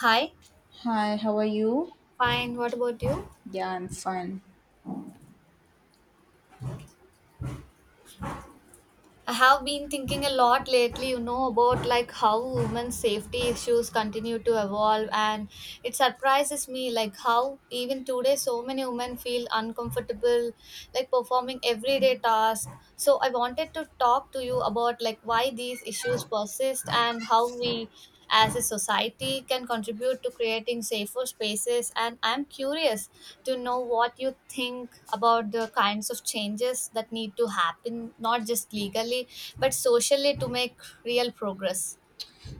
Hi. Hi, how are you? Fine. What about you? Yeah, I'm fine. I have been thinking a lot lately, you know, about like how women's safety issues continue to evolve, and it surprises me like how even today so many women feel uncomfortable like performing everyday tasks. So I wanted to talk to you about like why these issues persist and how we as a society can contribute to creating safer spaces, and I'm curious to know what you think about the kinds of changes that need to happen, not just legally, but socially to make real progress.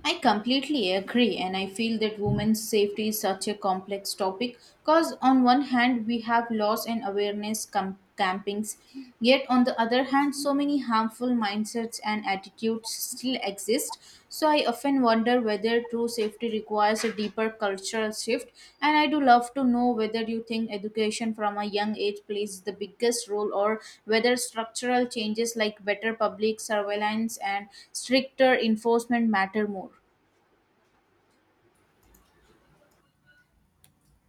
I completely agree, and I feel that women's safety is such a complex topic because, on one hand, we have laws and awareness campings, yet, on the other hand, so many harmful mindsets and attitudes still exist. So, I often wonder whether true safety requires a deeper cultural shift, and I do love to know whether you think education from a young age plays the biggest role or whether structural changes like better public surveillance and stricter enforcement matter more.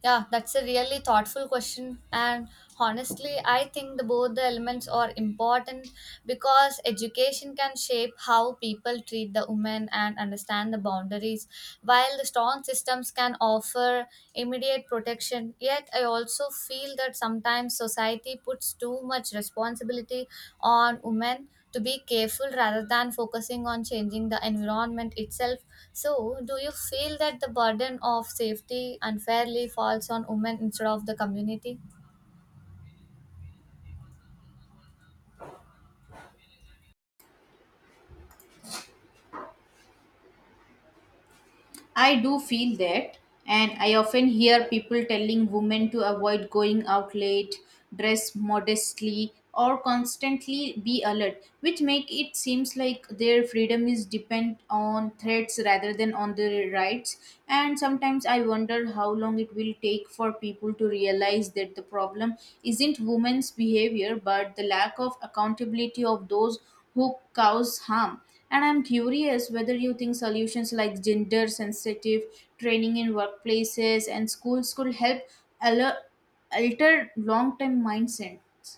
Yeah, that's a really thoughtful question. And honestly, I think both the elements are important because education can shape how people treat the women and understand the boundaries. While the strong systems can offer immediate protection, yet I also feel that sometimes society puts too much responsibility on women to be careful rather than focusing on changing the environment itself. So, do you feel that the burden of safety unfairly falls on women instead of the community? I do feel that, and I often hear people telling women to avoid going out late, dress modestly, or constantly be alert, which make it seems like their freedom is depend on threats rather than on their rights. And sometimes I wonder how long it will take for people to realize that the problem isn't women's behavior but the lack of accountability of those who cause harm, and I'm curious whether you think solutions like gender sensitive training in workplaces and schools could help alter, alter long term mindsets.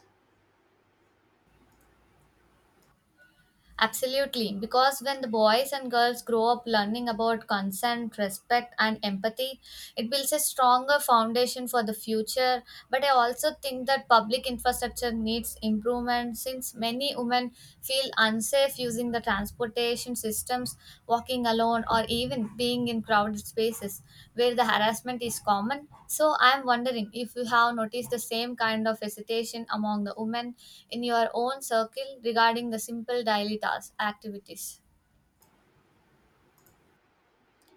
Absolutely, because when the boys and girls grow up learning about consent, respect, and empathy, it builds a stronger foundation for the future. But I also think that public infrastructure needs improvement since many women feel unsafe using the transportation systems, walking alone, or even being in crowded spaces where the harassment is common. So I'm wondering if you have noticed the same kind of hesitation among the women in your own circle regarding the simple daily tasks activities.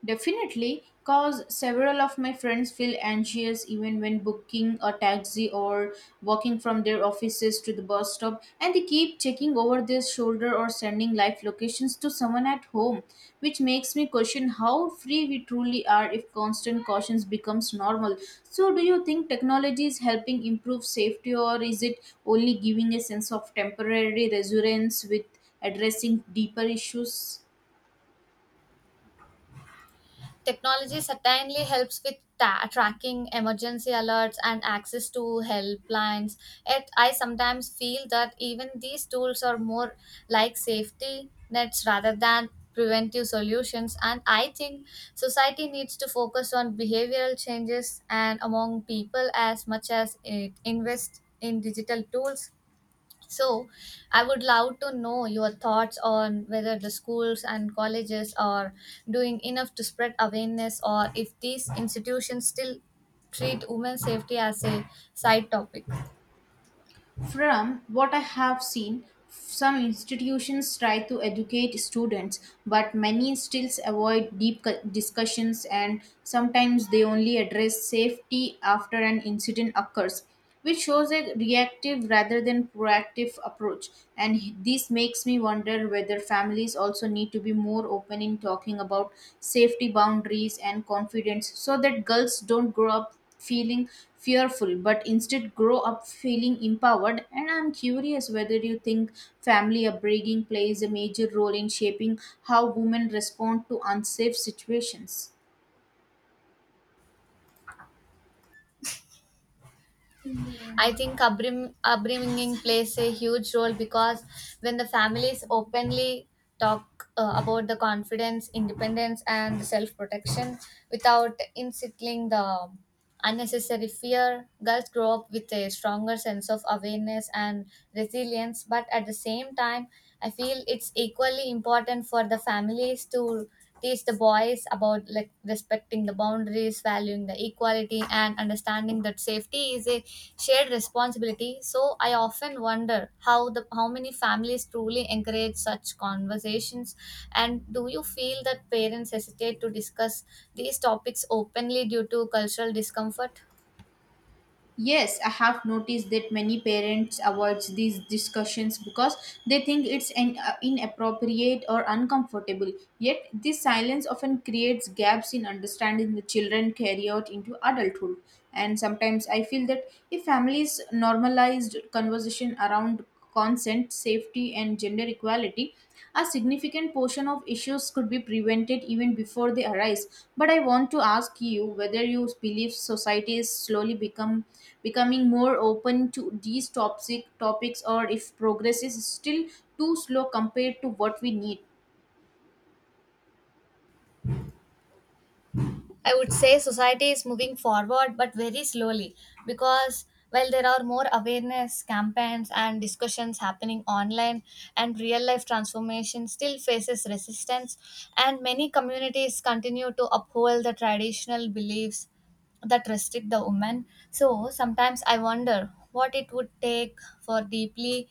Definitely, cause several of my friends feel anxious even when booking a taxi or walking from their offices to the bus stop, and they keep checking over their shoulder or sending live locations to someone at home, which makes me question how free we truly are if constant cautions becomes normal. So, do you think technology is helping improve safety, or is it only giving a sense of temporary resurgence with addressing deeper issues? Technology certainly helps with tracking emergency alerts and access to helplines. Yet, I sometimes feel that even these tools are more like safety nets rather than preventive solutions. And I think society needs to focus on behavioral changes and among people as much as it invests in digital tools. So, I would love to know your thoughts on whether the schools and colleges are doing enough to spread awareness or if these institutions still treat women's safety as a side topic. From what I have seen, some institutions try to educate students, but many still avoid deep discussions, and sometimes they only address safety after an incident occurs, which shows a reactive rather than proactive approach. And this makes me wonder whether families also need to be more open in talking about safety boundaries and confidence so that girls don't grow up feeling fearful, but instead grow up feeling empowered. And I'm curious whether you think family upbringing plays a major role in shaping how women respond to unsafe situations. I think upbringing plays a huge role because when the families openly talk about the confidence, independence, and self protection without instilling the unnecessary fear, girls grow up with a stronger sense of awareness and resilience, but at the same time, I feel it's equally important for the families to teach the boys about like respecting the boundaries, valuing the equality, and understanding that safety is a shared responsibility. So I often wonder how many families truly encourage such conversations, and do you feel that parents hesitate to discuss these topics openly due to cultural discomfort? Yes, I have noticed that many parents avoid these discussions because they think it's an inappropriate or uncomfortable. Yet, this silence often creates gaps in understanding the children carry out into adulthood. And sometimes I feel that if families normalized conversation around consent, safety, and gender equality, a significant portion of issues could be prevented even before they arise. But I want to ask you whether you believe society is slowly become becoming more open to these toxic topics, or if progress is still too slow compared to what we need. I would say society is moving forward, but very slowly because while there are more awareness campaigns and discussions happening online and real life transformation still faces resistance, and many communities continue to uphold the traditional beliefs that restrict the woman. So sometimes I wonder what it would take for deeply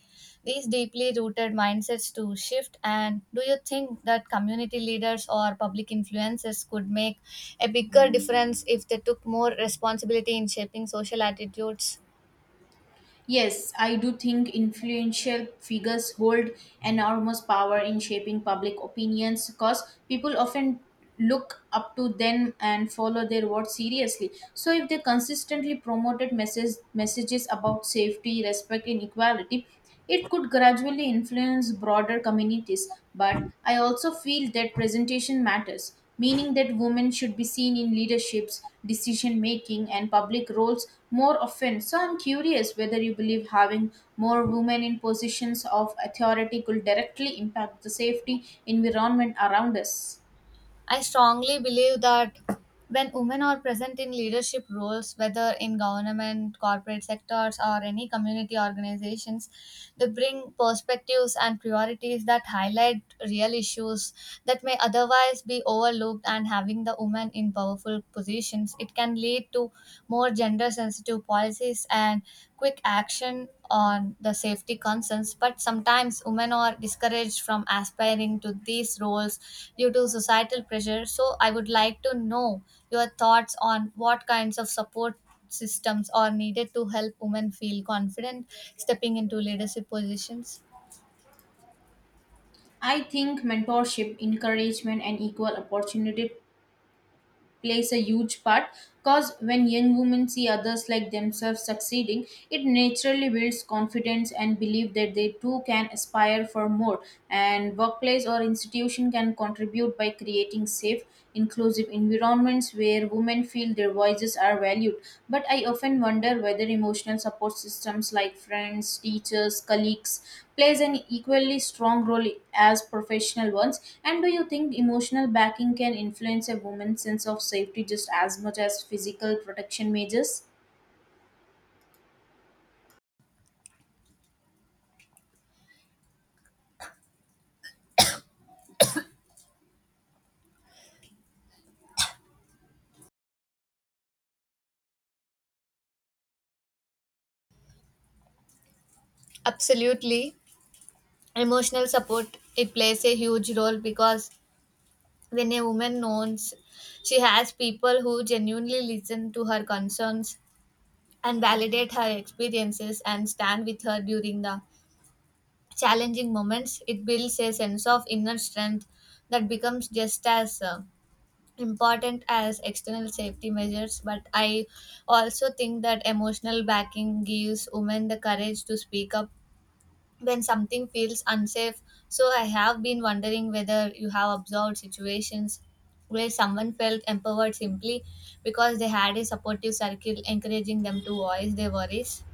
these deeply rooted mindsets to shift. And do you think that community leaders or public influencers could make a bigger difference if they took more responsibility in shaping social attitudes? Yes, I do think influential figures hold enormous power in shaping public opinions because people often look up to them and follow their words seriously. So if they consistently promoted messages about safety, respect, and equality, it could gradually influence broader communities, but I also feel that presentation matters, meaning that women should be seen in leaderships, decision making, and public roles more often. So I'm curious whether you believe having more women in positions of authority could directly impact the safety environment around us. I strongly believe that when women are present in leadership roles, whether in government, corporate sectors, or any community organizations, they bring perspectives and priorities that highlight real issues that may otherwise be overlooked. And having the women in powerful positions, it can lead to more gender sensitive policies and quick action on the safety concerns, but sometimes women are discouraged from aspiring to these roles due to societal pressure. So, I would like to know your thoughts on what kinds of support systems are needed to help women feel confident stepping into leadership positions. I think mentorship, encouragement, and equal opportunity plays a huge part, because when young women see others like themselves succeeding, it naturally builds confidence and belief that they too can aspire for more. And workplace or institution can contribute by creating safe, inclusive environments where women feel their voices are valued, but I often wonder whether emotional support systems like friends, teachers, colleagues plays an equally strong role as professional ones. And do you think emotional backing can influence a woman's sense of safety just as much as physical protection measures? Absolutely. Emotional support, it plays a huge role because when a woman knows she has people who genuinely listen to her concerns and validate her experiences and stand with her during the challenging moments, it builds a sense of inner strength that becomes just as important as external safety measures. But I also think that emotional backing gives women the courage to speak up when something feels unsafe. So I have been wondering whether you have observed situations where someone felt empowered simply because they had a supportive circle encouraging them to voice their worries.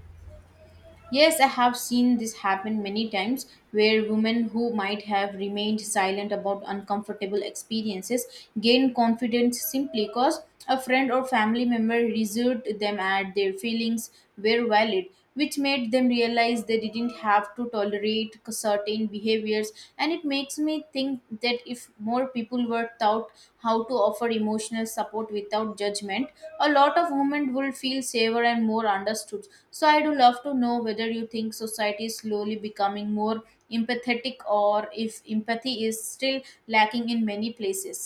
Yes, I have seen this happen many times, where women who might have remained silent about uncomfortable experiences gain confidence simply because a friend or family member reassured them that their feelings were valid, which made them realize they didn't have to tolerate certain behaviors years. And it makes me think that if more people were taught how to offer emotional support without judgment, a lot of women would feel safer and more understood. So I do love to know whether you think society is slowly becoming more empathetic, or if empathy is still lacking in many places.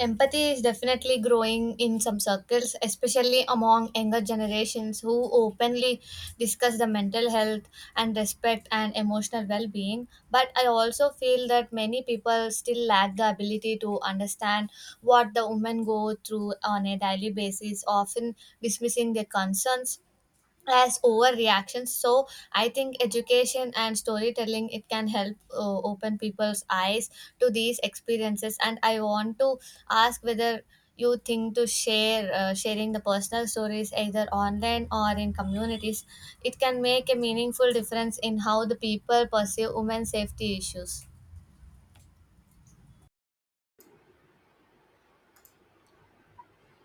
Empathy is definitely growing in some circles, especially among younger generations who openly discuss the mental health and respect and emotional well being. But I also feel that many people still lack the ability to understand what the women go through on a daily basis, often dismissing their concerns as overreactions. So I think education and storytelling, it can help open people's eyes to these experiences, and I want to ask whether you think to share sharing the personal stories either online or in communities, it can make a meaningful difference in how the people perceive women's safety issues.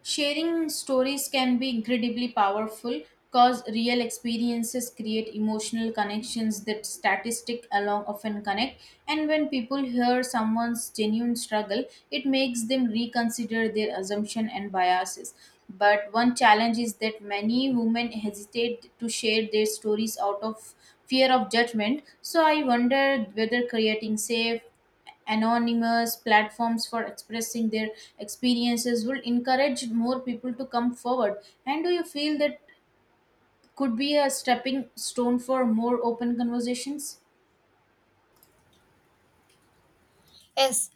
Sharing stories can be incredibly powerful because real experiences create emotional connections that statistic alone often connect. And when people hear someone's genuine struggle, it makes them reconsider their assumption and biases. But one challenge is that many women hesitate to share their stories out of fear of judgment. So I wonder whether creating safe, anonymous platforms for expressing their experiences will encourage more people to come forward, and do you feel that could be a stepping stone for more open conversations? Yes,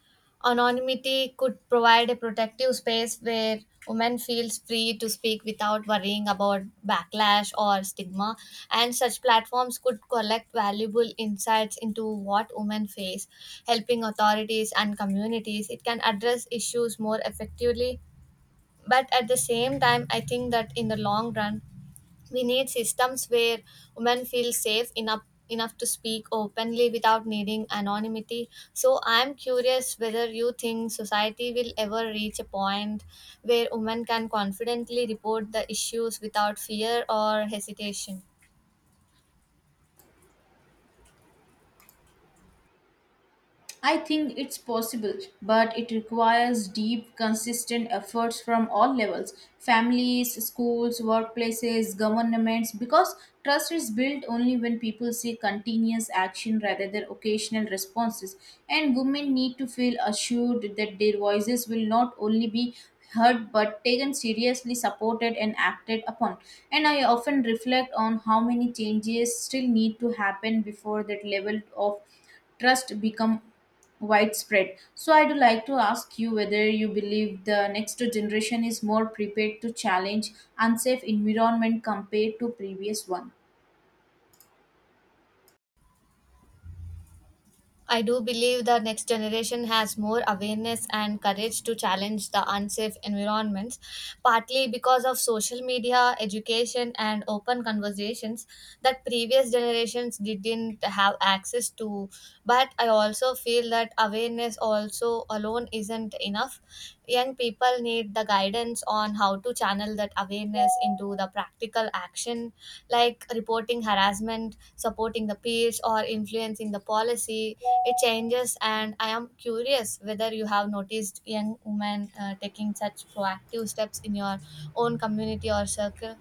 anonymity could provide a protective space where women feels free to speak without worrying about backlash or stigma, and such platforms could collect valuable insights into what women face, helping authorities and communities, it can address issues more effectively. But at the same time, I think that in the long run we need systems where women feel safe enough to speak openly without needing anonymity. So I'm curious whether you think society will ever reach a point where women can confidently report the issues without fear or hesitation. I think it's possible, but it requires deep, consistent efforts from all levels: families, schools, workplaces, governments, because trust is built only when people see continuous action rather than occasional responses. And women need to feel assured that their voices will not only be heard, but taken seriously, supported, and acted upon. And I often reflect on how many changes still need to happen before that level of trust become widespread. So, I do like to ask you whether you believe the next generation is more prepared to challenge unsafe environment compared to previous one. I do believe the next generation has more awareness and courage to challenge the unsafe environments, partly because of social media, education, and open conversations that previous generations didn't have access to. But I also feel that awareness also alone isn't enough. Young people need the guidance on how to channel that awareness into the practical action, like reporting harassment, supporting the peers, or influencing the policy, it changes. And I am curious whether you have noticed young women taking such proactive steps in your own community or circle.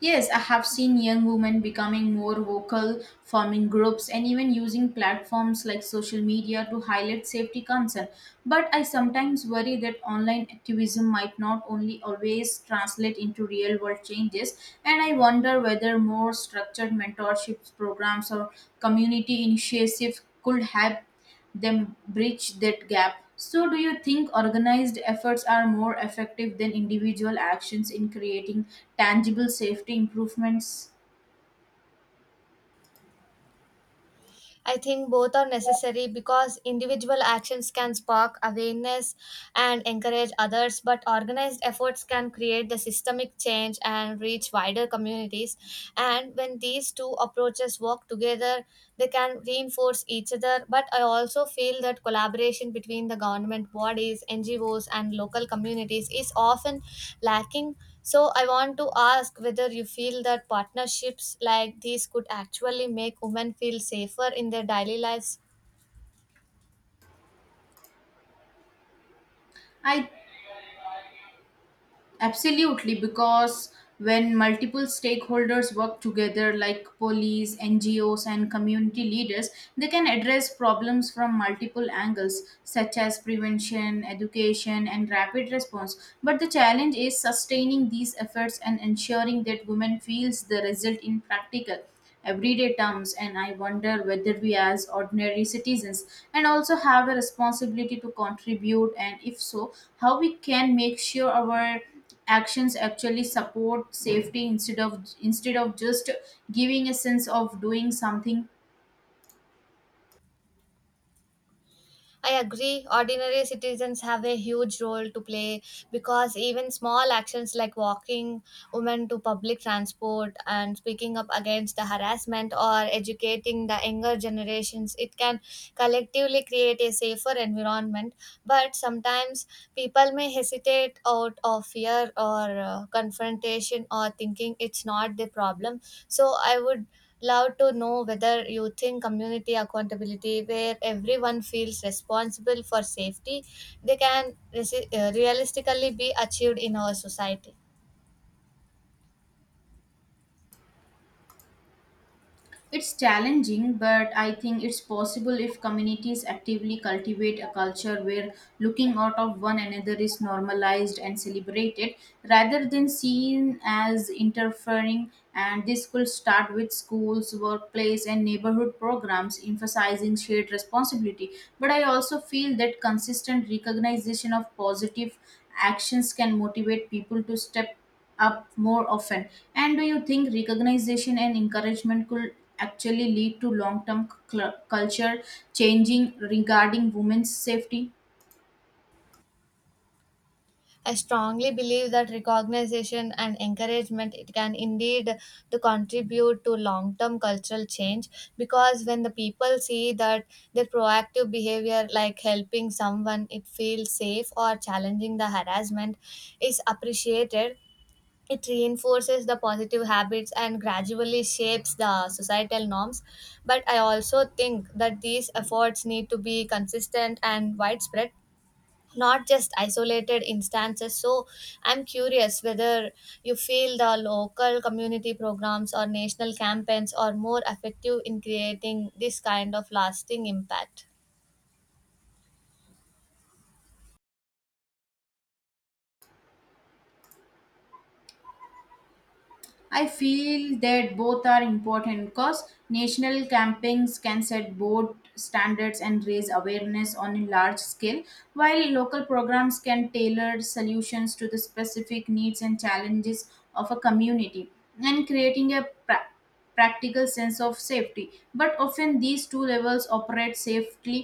Yes, I have seen young women becoming more vocal, forming groups, and even using platforms like social media to highlight safety concern. But I sometimes worry that online activism might not only always translate into real world changes, and I wonder whether more structured mentorship programs or community initiatives could have them bridge that gap. So, do you think organized efforts are more effective than individual actions in creating tangible safety improvements? I think both are necessary because individual actions can spark awareness and encourage others, but organized efforts can create the systemic change and reach wider communities. And when these two approaches work together, they can reinforce each other. But I also feel that collaboration between the government bodies, NGOs, and local communities is often lacking. So I want to ask whether you feel that partnerships like these could actually make women feel safer in their daily lives. I Absolutely, because when multiple stakeholders work together, like police, NGOs, and community leaders, they can address problems from multiple angles, such as prevention, education, and rapid response. But the challenge is sustaining these efforts and ensuring that women feels the result in practical, everyday terms. And I wonder whether we as ordinary citizens and also have a responsibility to contribute, and if so, how we can make sure our actions actually support safety, instead of just giving a sense of doing something. I agree. Ordinary citizens have a huge role to play because even small actions like walking women to public transport and speaking up against the harassment or educating the younger generations, it can collectively create a safer environment. But sometimes people may hesitate out of fear or confrontation or thinking it's not the problem. So I would love to know whether you think community accountability, where everyone feels responsible for safety, they can realistically be achieved in our society. It's challenging, but I think it's possible if communities actively cultivate a culture where looking out of one another is normalized and celebrated rather than seen as interfering. And this could start with schools, workplace, and neighborhood programs emphasizing shared responsibility. But I also feel that consistent recognition of positive actions can motivate people to step up more often. And do you think recognition and encouragement could actually lead to long term culture changing regarding women's safety? I strongly believe that recognition and encouragement, it can indeed to contribute to long term cultural change because when the people see that their proactive behavior, like helping someone it feels safe or challenging the harassment, is appreciated, it reinforces the positive habits and gradually shapes the societal norms. But I also think that these efforts need to be consistent and widespread, not just isolated instances. So I'm curious whether you feel the local community programs or national campaigns are more effective in creating this kind of lasting impact. I feel that both are important, because national campaigns can set both standards and raise awareness on a large scale, while local programs can tailor solutions to the specific needs and challenges of a community and creating a practical sense of safety. But often these two levels operate safely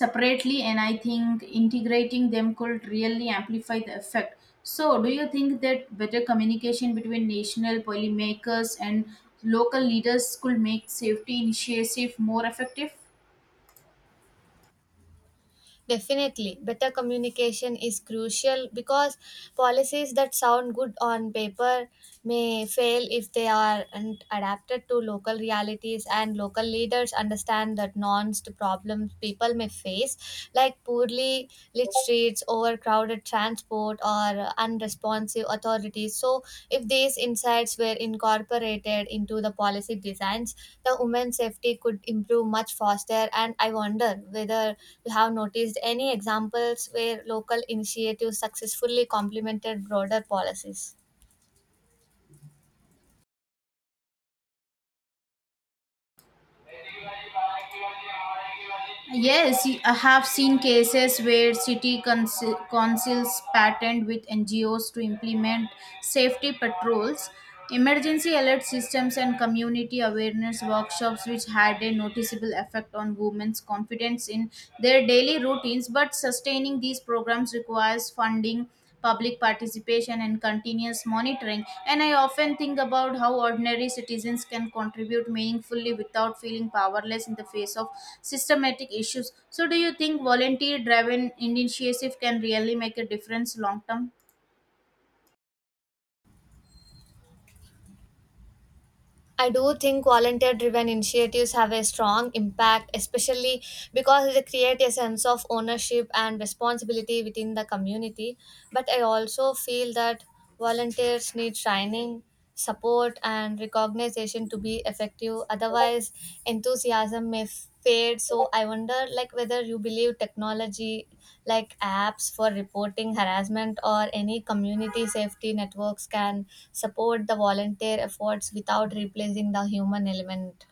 separately, and I think integrating them could really amplify the effect. So do you think that better communication between national policymakers and local leaders could make safety initiative more effective? Definitely, better communication is crucial because policies that sound good on paper may fail if they aren't adapted to local realities, and local leaders understand the nuanced problems people may face, like poorly lit streets, overcrowded transport, or unresponsive authorities. So, if these insights were incorporated into the policy designs, the women's safety could improve much faster. And I wonder whether you have noticed any examples where local initiatives successfully complemented broader policies. Yes, I have seen cases where city councils partnered with NGOs to implement safety patrols, emergency alert systems, and community awareness workshops, which had a noticeable effect on women's confidence in their daily routines. But sustaining these programs requires funding, public participation, and continuous monitoring. And I often think about how ordinary citizens can contribute meaningfully without feeling powerless in the face of systematic issues. So do you think volunteer driven initiative can really make a difference long term? I do think volunteer driven initiatives have a strong impact, especially because they create a sense of ownership and responsibility within the community. But I also feel that volunteers need training, support, and recognition to be effective. Otherwise, enthusiasm may fade. So I wonder, like, whether you believe technology like apps for reporting harassment or any community safety networks can support the volunteer efforts without replacing the human element.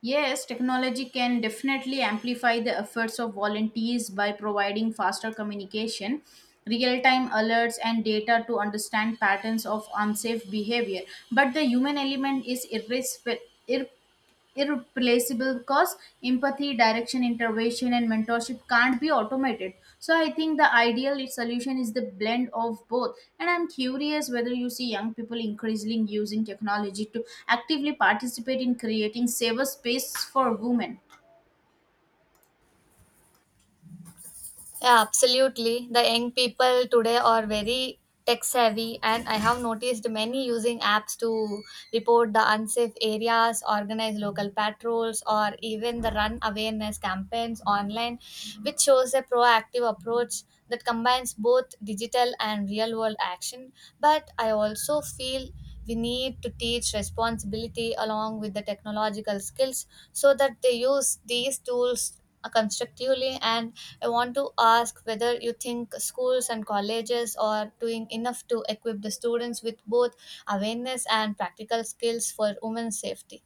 Yes, technology can definitely amplify the efforts of volunteers by providing faster communication, real time alerts, and data to understand patterns of unsafe behavior. But the human element is irres- irreplaceable irreplaceable, because empathy, direction, intervention, and mentorship can't be automated. So I think the ideal solution is the blend of both, and I'm curious whether you see young people increasingly using technology to actively participate in creating safer space for women. Yeah, absolutely. The young people today are very tech savvy, and I have noticed many using apps to report the unsafe areas, organize local patrols, or even the run awareness campaigns online, which shows a proactive approach that combines both digital and real world action. But I also feel we need to teach responsibility along with the technological skills so that they use these tools constructively. And I want to ask whether you think schools and colleges are doing enough to equip the students with both awareness and practical skills for women's safety.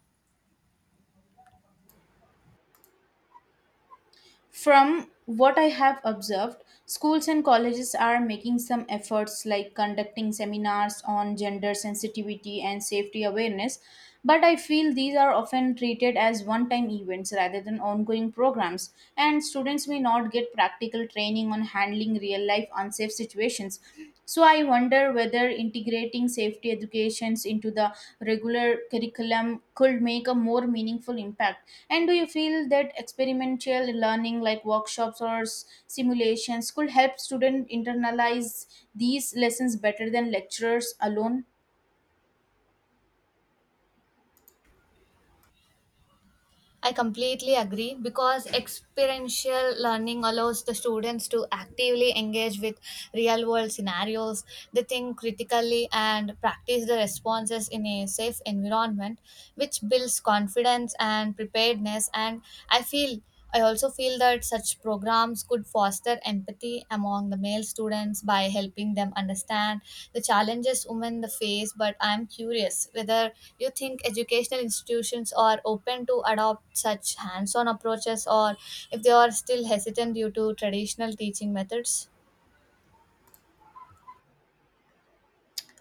From what I have observed, schools and colleges are making some efforts like conducting seminars on gender sensitivity and safety awareness, but I feel these are often treated as one time events rather than ongoing programs, and students may not get practical training on handling real life unsafe situations. So I wonder whether integrating safety educations into the regular curriculum could make a more meaningful impact. And do you feel that experimental learning like workshops or simulations could help students internalize these lessons better than lecturers alone? I completely agree because experiential learning allows the students to actively engage with real world scenarios, they think critically and practice the responses in a safe environment, which builds confidence and preparedness. And i feel I also feel that such programs could foster empathy among the male students by helping them understand the challenges women face. But I'm curious whether you think educational institutions are open to adopt such hands-on approaches, or if they are still hesitant due to traditional teaching methods.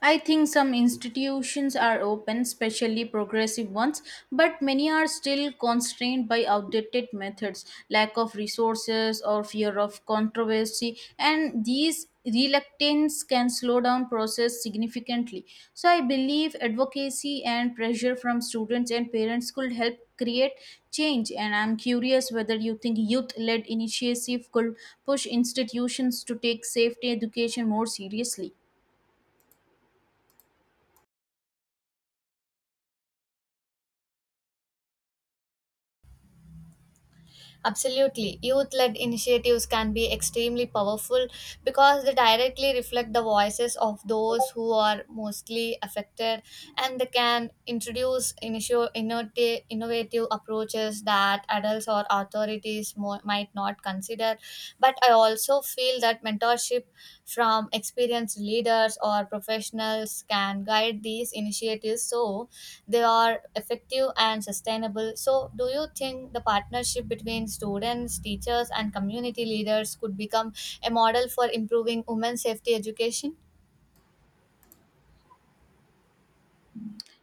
I think some institutions are open, especially progressive ones, but many are still constrained by outdated methods, lack of resources, or fear of controversy, and these reluctance can slow down process significantly. So I believe advocacy and pressure from students and parents could help create change, and I'm curious whether you think youth led initiative could push institutions to take safety education more seriously. Absolutely. Youth led initiatives can be extremely powerful because they directly reflect the voices of those who are mostly affected, and they can introduce innovative approaches that adults or authorities might not consider. But I also feel that mentorship from experienced leaders or professionals can guide these initiatives so they are effective and sustainable. So, do you think the partnership between students, teachers, and community leaders could become a model for improving women's safety education?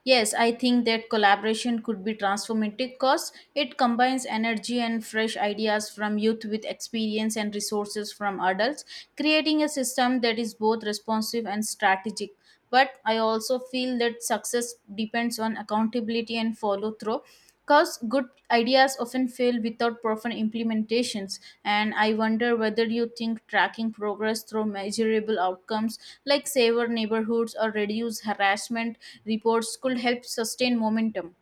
Yes, I think that collaboration could be transformative because it combines energy and fresh ideas from youth with experience and resources from adults, creating a system that is both responsive and strategic. But I also feel that success depends on accountability and follow through, because good ideas often fail without proper implementations, and I wonder whether you think tracking progress through measurable outcomes like safer neighborhoods or reduce harassment reports could help sustain momentum.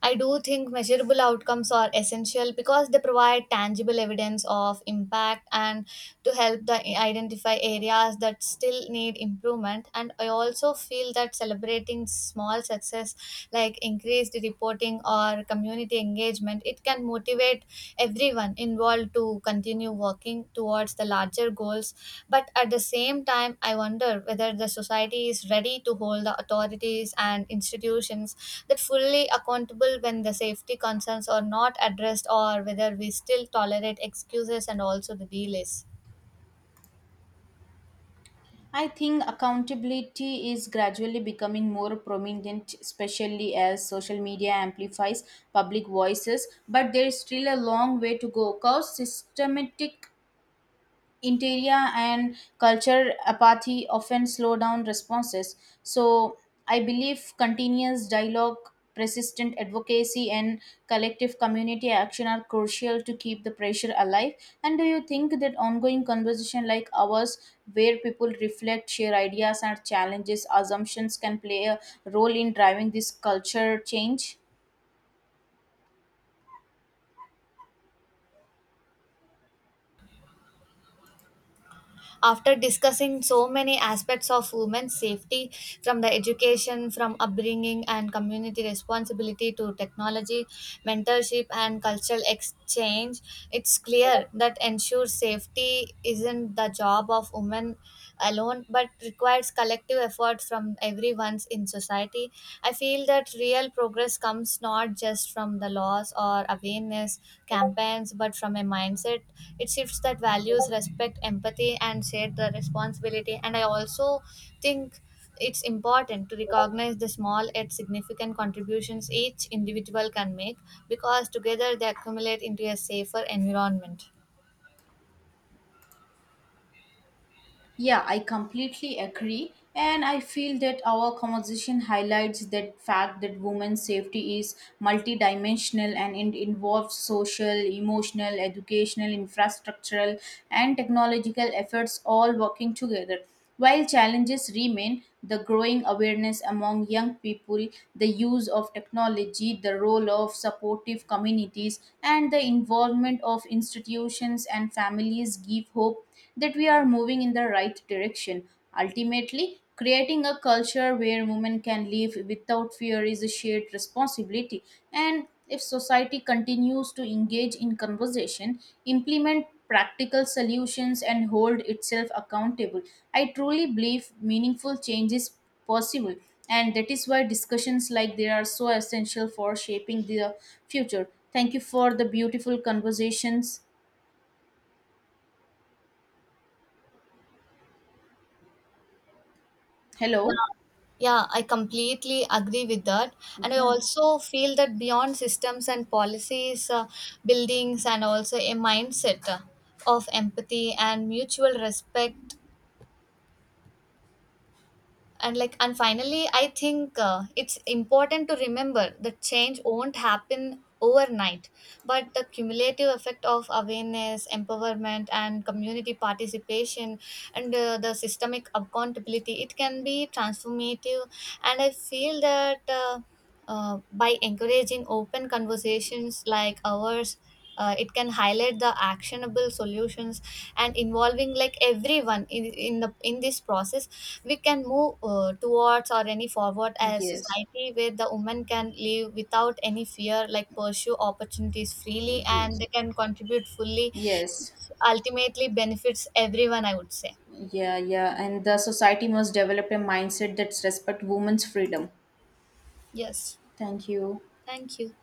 I do think measurable outcomes are essential because they provide tangible evidence of impact and to help the identify areas that still need improvement. And I also feel that celebrating small success like increased reporting or community engagement, it can motivate everyone involved to continue working towards the larger goals. But at the same time, I wonder whether the society is ready to hold the authorities and institutions that fully accountable when the safety concerns are not addressed, or whether we still tolerate excuses and also the delays. I think accountability is gradually becoming more prominent, especially as social media amplifies public voices. But there is still a long way to go because systematic interior and culture apathy often slow down responses. So I believe continuous dialogue, persistent advocacy, and collective community action are crucial to keep the pressure alive. And do you think that ongoing conversation like ours, where people reflect, share ideas, and challenges assumptions, can play a role in driving this culture change? After discussing so many aspects of women's safety, from the education, from upbringing and community responsibility to technology, mentorship, and cultural exchange, it's clear that ensure safety isn't the job of women alone but requires collective effort from everyone's in society. I feel that real progress comes not just from the laws or awareness campaigns but from a mindset, it shifts that values respect, empathy, and share the responsibility. And I also think it's important to recognize the small yet significant contributions each individual can make because together they accumulate into a safer environment. Yeah, I completely agree. And I feel that our conversation highlights that fact that women's safety is multidimensional, and it involves social, emotional, educational, infrastructural, and technological efforts all working together. While challenges remain, the growing awareness among young people, the use of technology, the role of supportive communities, and the involvement of institutions and families give hope that we are moving in the right direction. Ultimately, creating a culture where women can live without fear is a shared responsibility. And if society continues to engage in conversation, implement practical solutions, and hold itself accountable, I truly believe meaningful change is possible. And that is why discussions like they are so essential for shaping the future. Thank you for the beautiful conversations. Hello. Yeah, I completely agree with that. And I Yeah. also feel that beyond systems and policies, buildings, and also a mindset of empathy and mutual respect, and like, and finally I think, it's important to remember that change won't happen overnight, but the cumulative effect of awareness, empowerment, and community participation, and the systemic accountability, it can be transformative. And I feel that, by encouraging open conversations like ours, it can highlight the actionable solutions, and involving, like, everyone in this process, we can move towards or any forward as Yes. society where the women can live without any fear, like pursue opportunities freely, Yes. and they can contribute fully, Yes. ultimately benefits everyone, I would say. Yeah, yeah. And the society must develop a mindset that respect women's freedom. Yes. Thank you. Thank you.